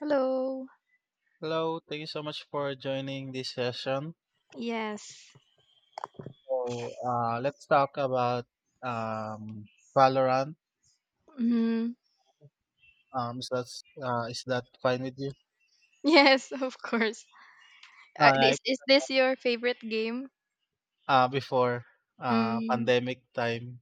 Hello. Hello, thank you so much for joining this session. Yes. So, let's talk about Valorant. Hmm. Um, is that is that fine with you? Yes, of course. All Uh, right. is is this your favorite game? Before Mm. pandemic time,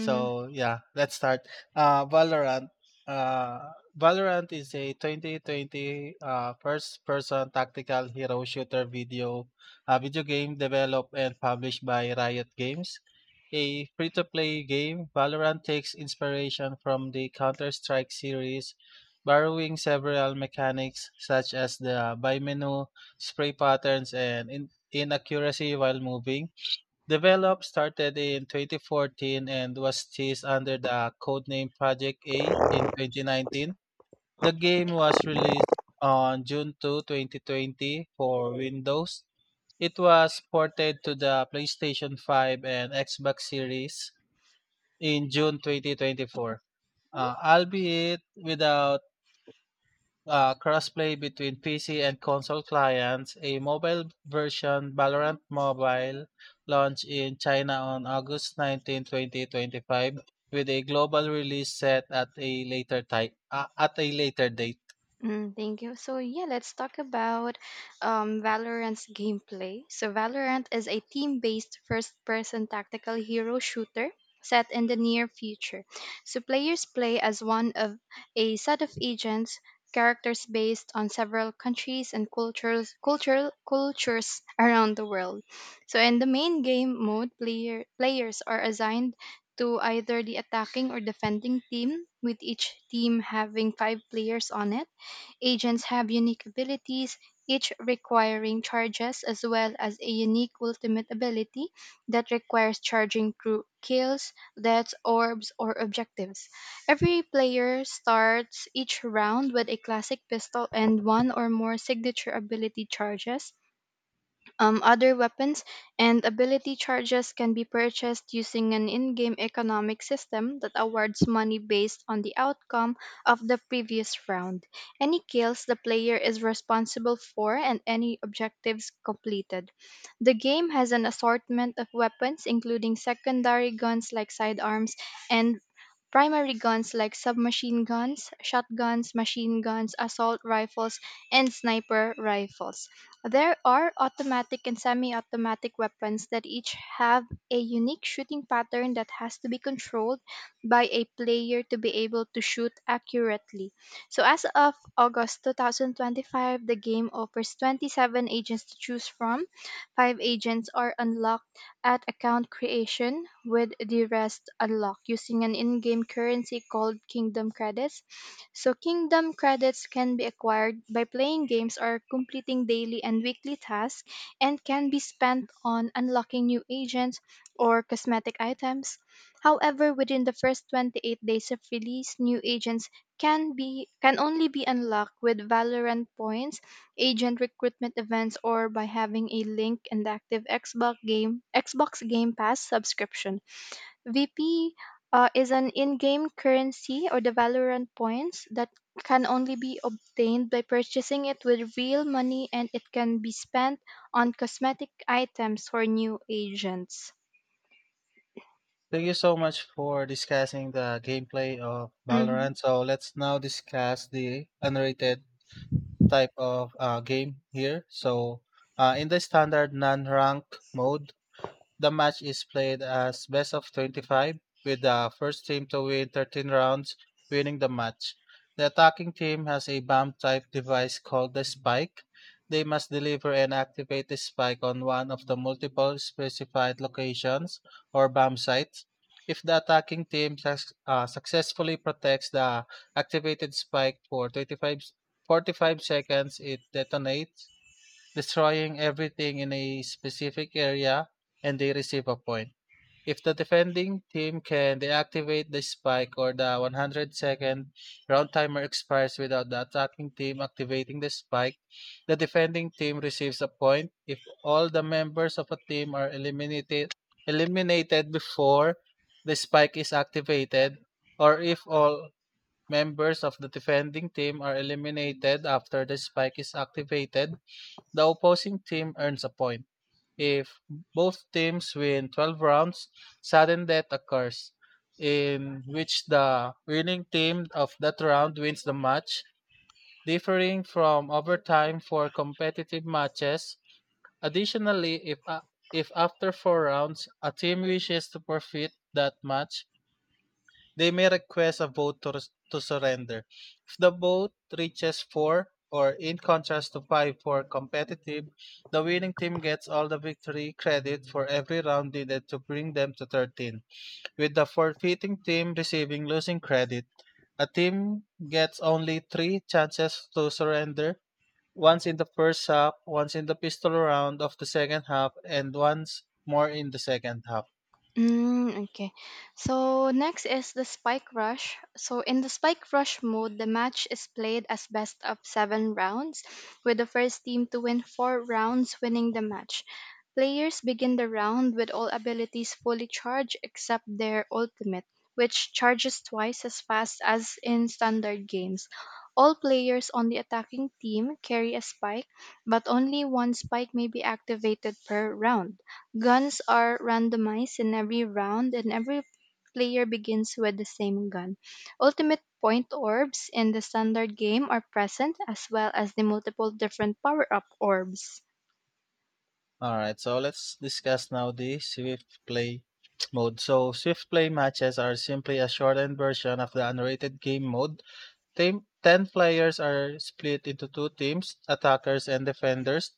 so yeah, let's start. Valorant. Uh, Valorant is a 2020 first-person tactical hero shooter video game developed and published by Riot Games. A free-to-play game, Valorant takes inspiration from the Counter-Strike series, borrowing several mechanics such as the buy menu, spray patterns, and inaccuracy while moving. Develop started in 2014 and was teased under the codename Project A in 2019. The game was released on June 2, 2020 for Windows. It was ported to the PlayStation 5 and Xbox Series in June 2024, albeit without crossplay between PC and console clients. A mobile version Valorant Mobile launched in China on August 19, 2025 with a global release set at a later date. Thank you. So yeah, let's talk about Valorant's gameplay. So Valorant is a team-based first-person tactical hero shooter set in the near future. So players play as one of a set of agents, characters based on several countries and cultures around the world. So in the main game mode, players are assigned to either the attacking or defending team, with each team having five players on it. Agents have unique abilities, each requiring charges as well as a unique ultimate ability that requires charging through kills, deaths, orbs, or objectives. Every player starts each round with a classic pistol and one or more signature ability charges. Other weapons and ability charges can be purchased using an in game economic system that awards money based on the outcome of the previous round, any kills the player is responsible for, and any objectives completed. The game has an assortment of weapons, including secondary guns like sidearms and primary guns like submachine guns, shotguns, machine guns, assault rifles, and sniper rifles. There are automatic and semi automatic weapons that each have a unique shooting pattern that has to be controlled by a player to be able to shoot accurately. So, as of August 2025, the game offers 27 agents to choose from. Five agents are unlocked at account creation, with the rest unlocked using an in game currency called Kingdom Credits. So Kingdom Credits can be acquired by playing games or completing daily and weekly tasks and can be spent on unlocking new agents or cosmetic items. However, within the first 28 days of release, new agents can only be unlocked with Valorant points, agent recruitment events or by having a link and active Xbox Game Pass subscription. VP is an in-game currency or the Valorant points that can only be obtained by purchasing it with real money and it can be spent on cosmetic items for new agents. Thank you so much for discussing the gameplay of Mhm. Valorant. So let's now discuss the unrated type of game here. So, in the standard non-rank mode, the match is played as best of 25, with the first team to win 13 rounds winning the match. The attacking team has a bomb type device called the spike. They must deliver and activate the spike on one of the multiple specified locations or bomb sites. If the attacking team successfully protects the activated spike for 45 seconds, it detonates, destroying everything in a specific area, and they receive a point. If the defending team can deactivate the spike or the 100-second round timer expires without the attacking team activating the spike, the defending team receives a point. If all the members of a team are eliminated before the spike is activated, or if all members of the defending team are eliminated after the spike is activated, the opposing team earns a point. If both teams win 12 rounds, sudden death occurs, in which the winning team of that round wins the match, differing from overtime for competitive matches. Additionally, if after four rounds a team wishes to forfeit that match, they may request a vote to surrender. If the vote reaches 4 or in contrast to 5 for competitive, the winning team gets all the victory credit for every round needed to bring them to 13, with the forfeiting team receiving losing credit. A team gets only 3 chances to surrender: once in the first half, once in the pistol round of the second half, and once more in the second half. Mm, okay. So next is the spike rush. So in the spike rush mode, the match is played as best of seven rounds, with the first team to win four rounds winning the match. Players begin the round with all abilities fully charged except their ultimate, which charges twice as fast as in standard games. All players on the attacking team carry a spike, but only one spike may be activated per round. Guns are randomized in every round, and every player begins with the same gun. Ultimate point orbs in the standard game are present, as well as the multiple different power up orbs. All right, so let's discuss now the Swift Play mode. So, Swift Play matches are simply a shortened version of the unrated game mode. Team, 10 players are split into two teams, attackers and defenders.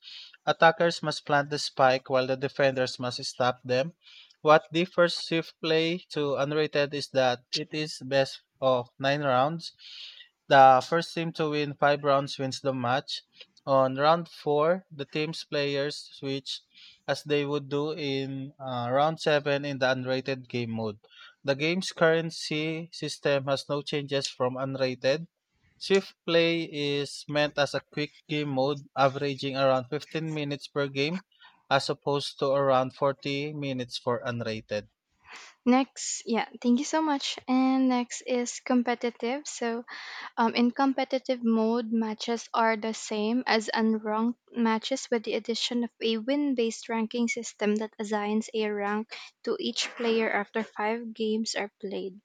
Attackers must plant the spike while the defenders must stop them. What differs Swift Play to Unrated is that it is best of 9 rounds. The first team to win 5 rounds wins the match. On round 4, the team's players switch as they would do in round 7 in the Unrated game mode. The game's currency system has no changes from Unrated. Swift Play is meant as a quick game mode, averaging around 15 minutes per game as opposed to around 40 minutes for unrated. Next, yeah, thank you so much. And next is competitive. So, in competitive mode, matches are the same as unranked matches with the addition of a win based ranking system that assigns a rank to each player after five games are played.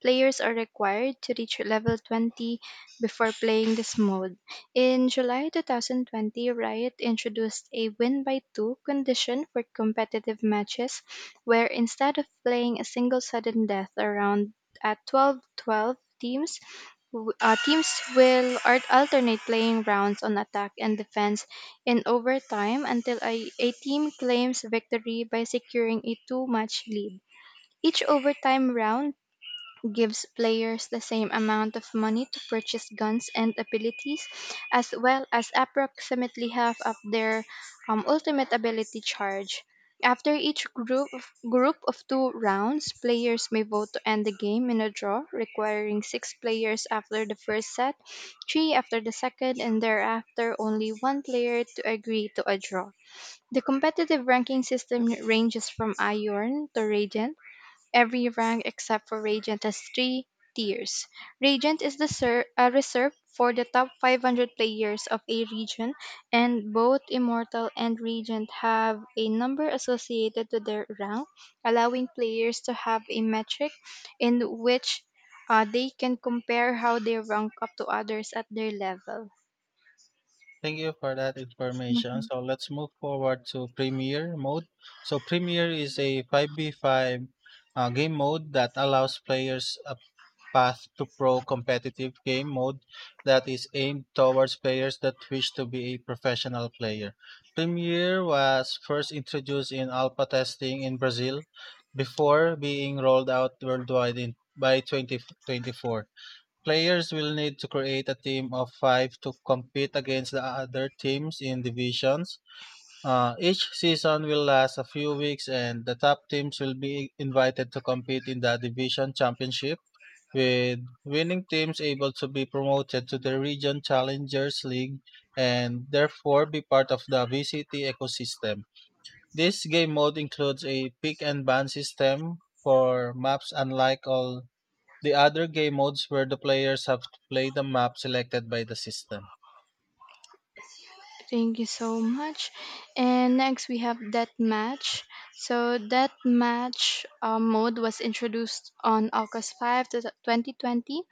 Players are required to reach level 20 before playing this mode. In July 2020, Riot introduced a win by 2 condition for competitive matches, where instead of playing a single sudden death around at 12-12 teams, teams will alternate playing rounds on attack and defense in overtime until a team claims victory by securing a two match lead. Each overtime round gives players the same amount of money to purchase guns and abilities, as well as approximately half of their ultimate ability charge. After each group of two rounds, players may vote to end the game in a draw, requiring six players after the first set, three after the second, and thereafter only one player to agree to a draw. The competitive ranking system ranges from Iron to Radiant. Every rank except for Regent has three tiers. Regent is reserved for the top 500 players of a region, and both Immortal and Regent have a number associated to their rank, allowing players to have a metric in which they can compare how they rank up to others at their level. Thank you for that information. So let's move forward to Premiere mode. So Premiere is a 5v5 game mode that allows players up, path to pro competitive game mode that is aimed towards players that wish to be a professional player. Premiere was first introduced in alpha testing in Brazil before being rolled out worldwide by 2024. Players will need to create a team of five to compete against the other teams in divisions. Each season will last a few weeks, and the top teams will be invited to compete in the division championship, with winning teams able to be promoted to the Region Challengers League and therefore be part of the VCT ecosystem. This game mode includes a pick and ban system for maps, unlike all the other game modes where the players have to play the map selected by the system. Thank you so much. And next we have that match. So that match mode was introduced on August 5, to 2020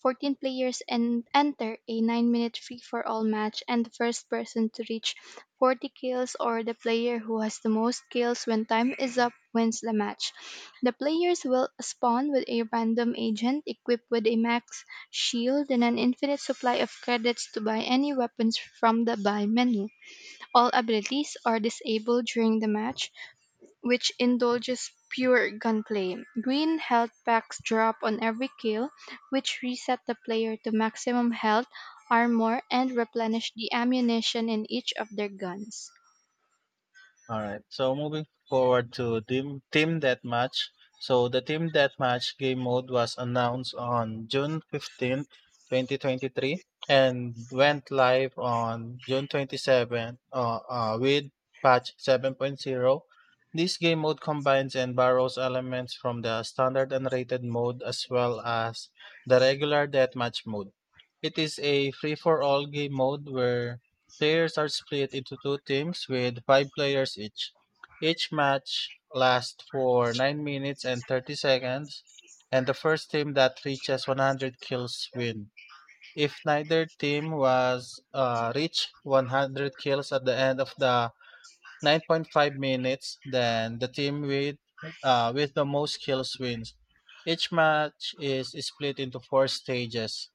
14 players and enter a 9-minute free for all match, and the first person to reach 40 kills or the player who has the most kills when time is up wins the match. The players will spawn with a random agent equipped with a max shield and an infinite supply of credits to buy any weapons from the buy menu. All abilities are disabled during the match, which indulges pure gunplay. Green health packs drop on every kill, which reset the player to maximum health, armor, and replenish the ammunition in each of their guns. All right. So moving forward to team deathmatch. So the team deathmatch game mode was announced on June 15, twenty 2023 and went live on June 27 with patch seven point zero. This game mode combines and borrows elements from the standard unrated mode as well as the regular deathmatch mode. It is a free for all game mode where players are split into two teams with five players each. Each match lasts for 9 minutes and 30 seconds, and the first team that reaches 100 kills win. If neither team was reached 100 kills at the end of the 9.5 minutes, then the team with the most kills wins. Each match is split into four stages,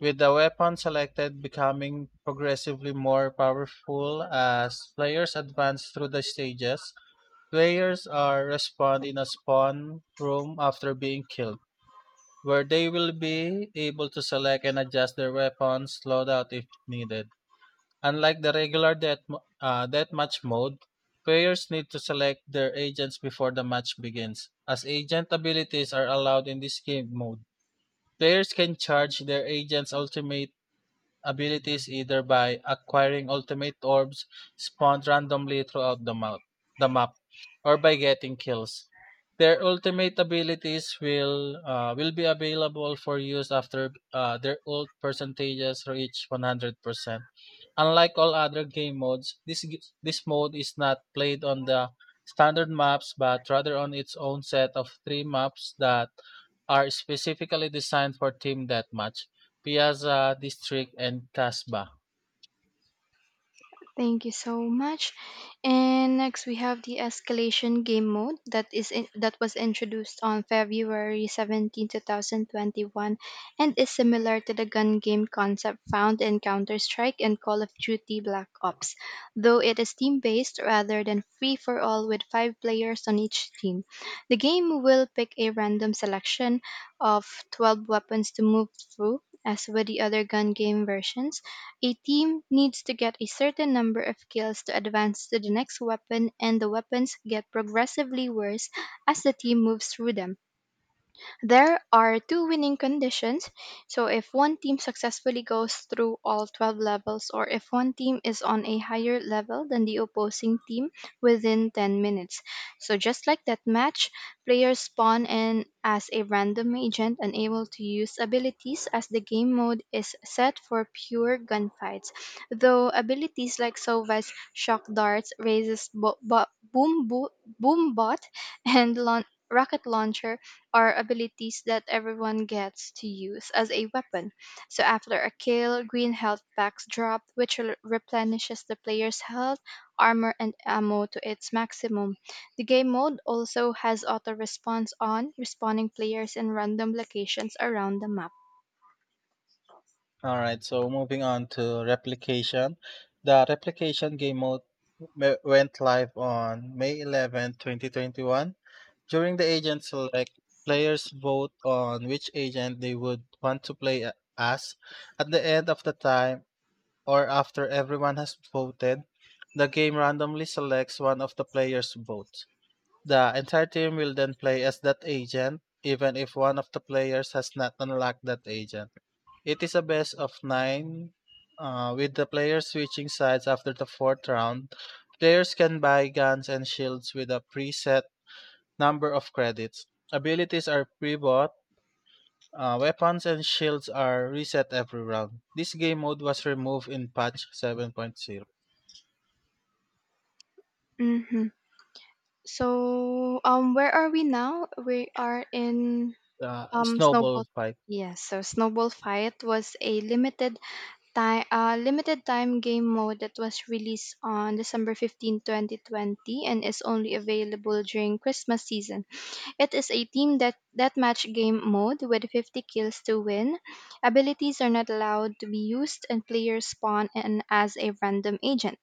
with the weapon selected becoming progressively more powerful as players advance through the stages. Players are respawned in a spawn room after being killed, where they will be able to select and adjust their weapons loadout if needed. Unlike the regular deathmatch mode, players need to select their agents before the match begins, as agent abilities are allowed in this game mode. Players can charge their agent's ultimate abilities either by acquiring ultimate orbs spawned randomly throughout the map or by getting kills. Their ultimate abilities will be available for use after their ult percentages reach 100%. Unlike all other game modes, this this mode is not played on the standard maps but rather on its own set of three maps that are specifically designed for team deathmatch: Piazza, District, and Casbah. Thank you so much. And next we have the escalation game mode that was introduced on February 17, 2021 and is similar to the gun game concept found in Counter-Strike and Call of Duty Black Ops, though it is team-based rather than free for all with 5 players on each team. The game will pick a random selection of 12 weapons to move through as with the other gun game versions a team needs to get a certain number of kills to advance to the next weapon, and the weapons get progressively worse as the team moves through them. There are two winning conditions. So, if one team successfully goes through all 12 levels, or if one team is on a higher level than the opposing team within 10 minutes. So, just like that match, players spawn in as a random agent and able to use abilities as the game mode is set for pure gunfights. Though abilities like Sova's shock darts, raises boom bot, and rocket launcher are abilities that everyone gets to use as a weapon. So after a kill, green health packs drop, which replenishes the player's health, armor, and ammo to its maximum. The game mode also has auto response on, respawning players in random locations around the map. All right, so moving on to replication. The replication game mode went live on May 11, twenty 2021. During the agent select, players vote on which agent they would want to play as. At the end of the time, or after everyone has voted, the game randomly selects one of the players' votes. The entire team will then play as that agent, even if one of the players has not unlocked that agent. It is a best of nine, with the players switching sides after the fourth round. Players can buy guns and shields with a preset number of credits. Abilities are pre bought. Weapons and shields are reset every round. This game mode was removed in patch 7.0. Hmm. So, where are we now? We are in Snowball Snowball. Fight. Yes, so Snowball Fight was a limited limited time game mode that was released on December 15, 2020 and is only available during Christmas season. It is a team that deathmatch game mode with 50 kills to win. Abilities are not allowed to be used and players spawn in as a random agent.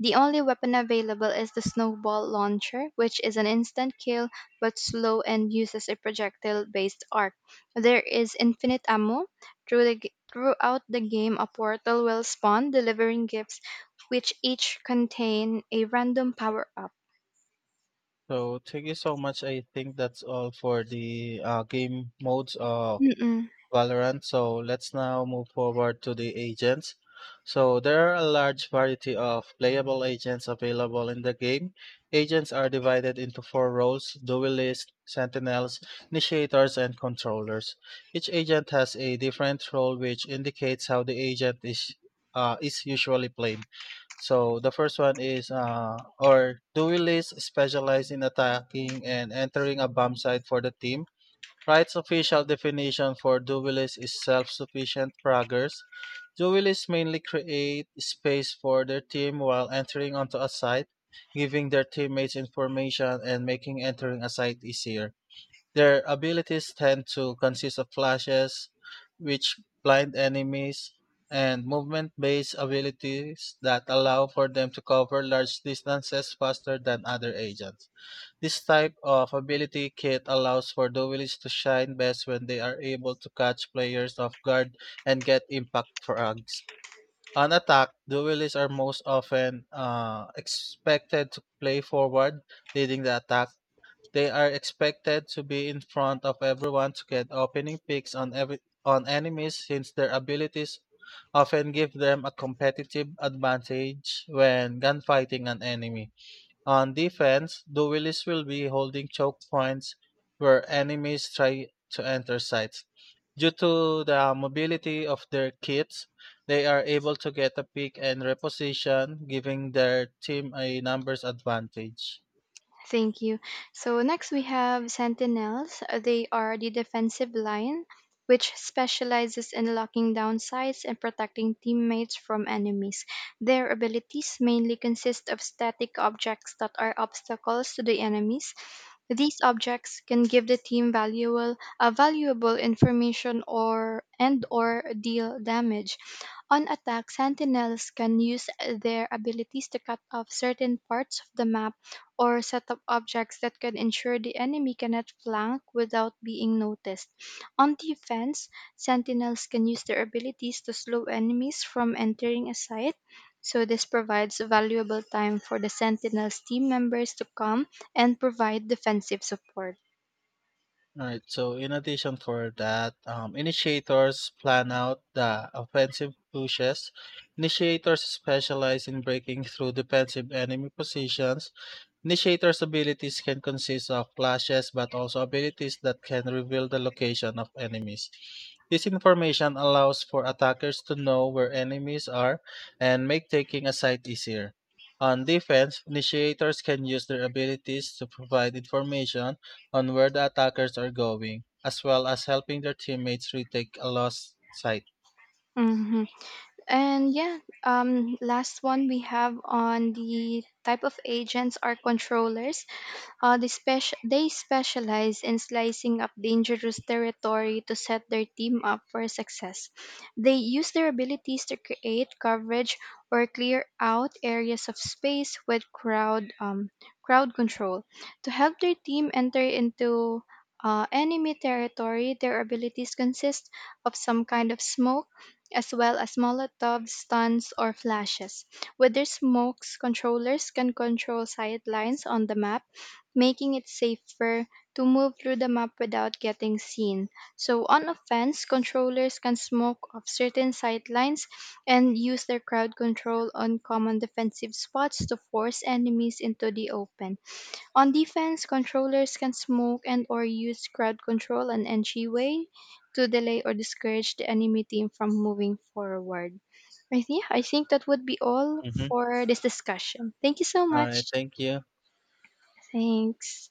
The only weapon available is the snowball launcher, which is an instant kill but slow and uses a projectile based arc. There is infinite ammo. Throughout the game, a portal will spawn, delivering gifts which each contain a random power up. So thank you so much. I think that's all for the game modes. Valorant. So let's now move forward to the agents. So there are a large variety of playable agents available in the game. Agents are divided into four roles: duelists, sentinels, initiators, and controllers. Each agent has a different role, which indicates how the agent is usually played. So the first one is or duelists specialize in attacking and entering a bomb site for the team. Wright's official definition for dualists is self-sufficient fraggers. Dualists mainly create space for their team while entering onto a site, giving their teammates information and making entering a site easier. Their abilities tend to consist of flashes, which blind enemies, and movement-based abilities that allow for them to cover large distances faster than other agents. This type of ability kit allows for the village to shine best when they are able to catch players off guard and get impact frags. On attack, the village are most often expected to play forward, leading the attack. They are expected to be in front of everyone to get opening picks on enemies, since their abilities often give them a competitive advantage when gunfighting an enemy. On defense, the duelists will be holding choke points where enemies try to enter sites. Due to the mobility of their kits, they are able to get a pick and reposition, giving their team a numbers advantage. Thank you. So next we have Sentinels. They are the defensive line, which specializes in locking down sides and protecting teammates from enemies. Their abilities mainly consist of static objects that are obstacles to the enemies. These objects can give the team valuable information or and or deal damage. On attack, sentinels can use their abilities to cut off certain parts of the map or set up objects that can ensure the enemy cannot flank without being noticed. On defense, sentinels can use their abilities to slow enemies from entering a site, so this provides valuable time for the sentinels team members to come and provide defensive support. Alright, so in addition for that, initiators plan out the offensive pushes. Initiators specialize in breaking through defensive enemy positions. Initiator's abilities can consist of clashes but also abilities that can reveal the location of enemies. This information allows for attackers to know where enemies are and make taking a site easier. On defense, initiators can use their abilities to provide information on where the attackers are going, as well as helping their teammates retake a lost site. Hmm. And yeah, last one we have on the type of agents are controllers. They specialize in slicing up dangerous territory to set their team up for success. They use their abilities to create coverage or clear out areas of space with crowd control to help their team enter into enemy territory. Their abilities consist of some kind of smoke, as well as Molotov stuns or flashes. With their smokes, controllers can control sight lines on the map making it safer to move through the map without getting seen. So, on offense, controllers can smoke off certain sightlines and use their crowd control on common defensive spots to force enemies into the open. On defense, controllers can smoke and or use crowd control and entryway to delay or discourage the enemy team from moving forward. I think that would be all Mhm. for this discussion. Thank you so All right, much. thank you. Thanks.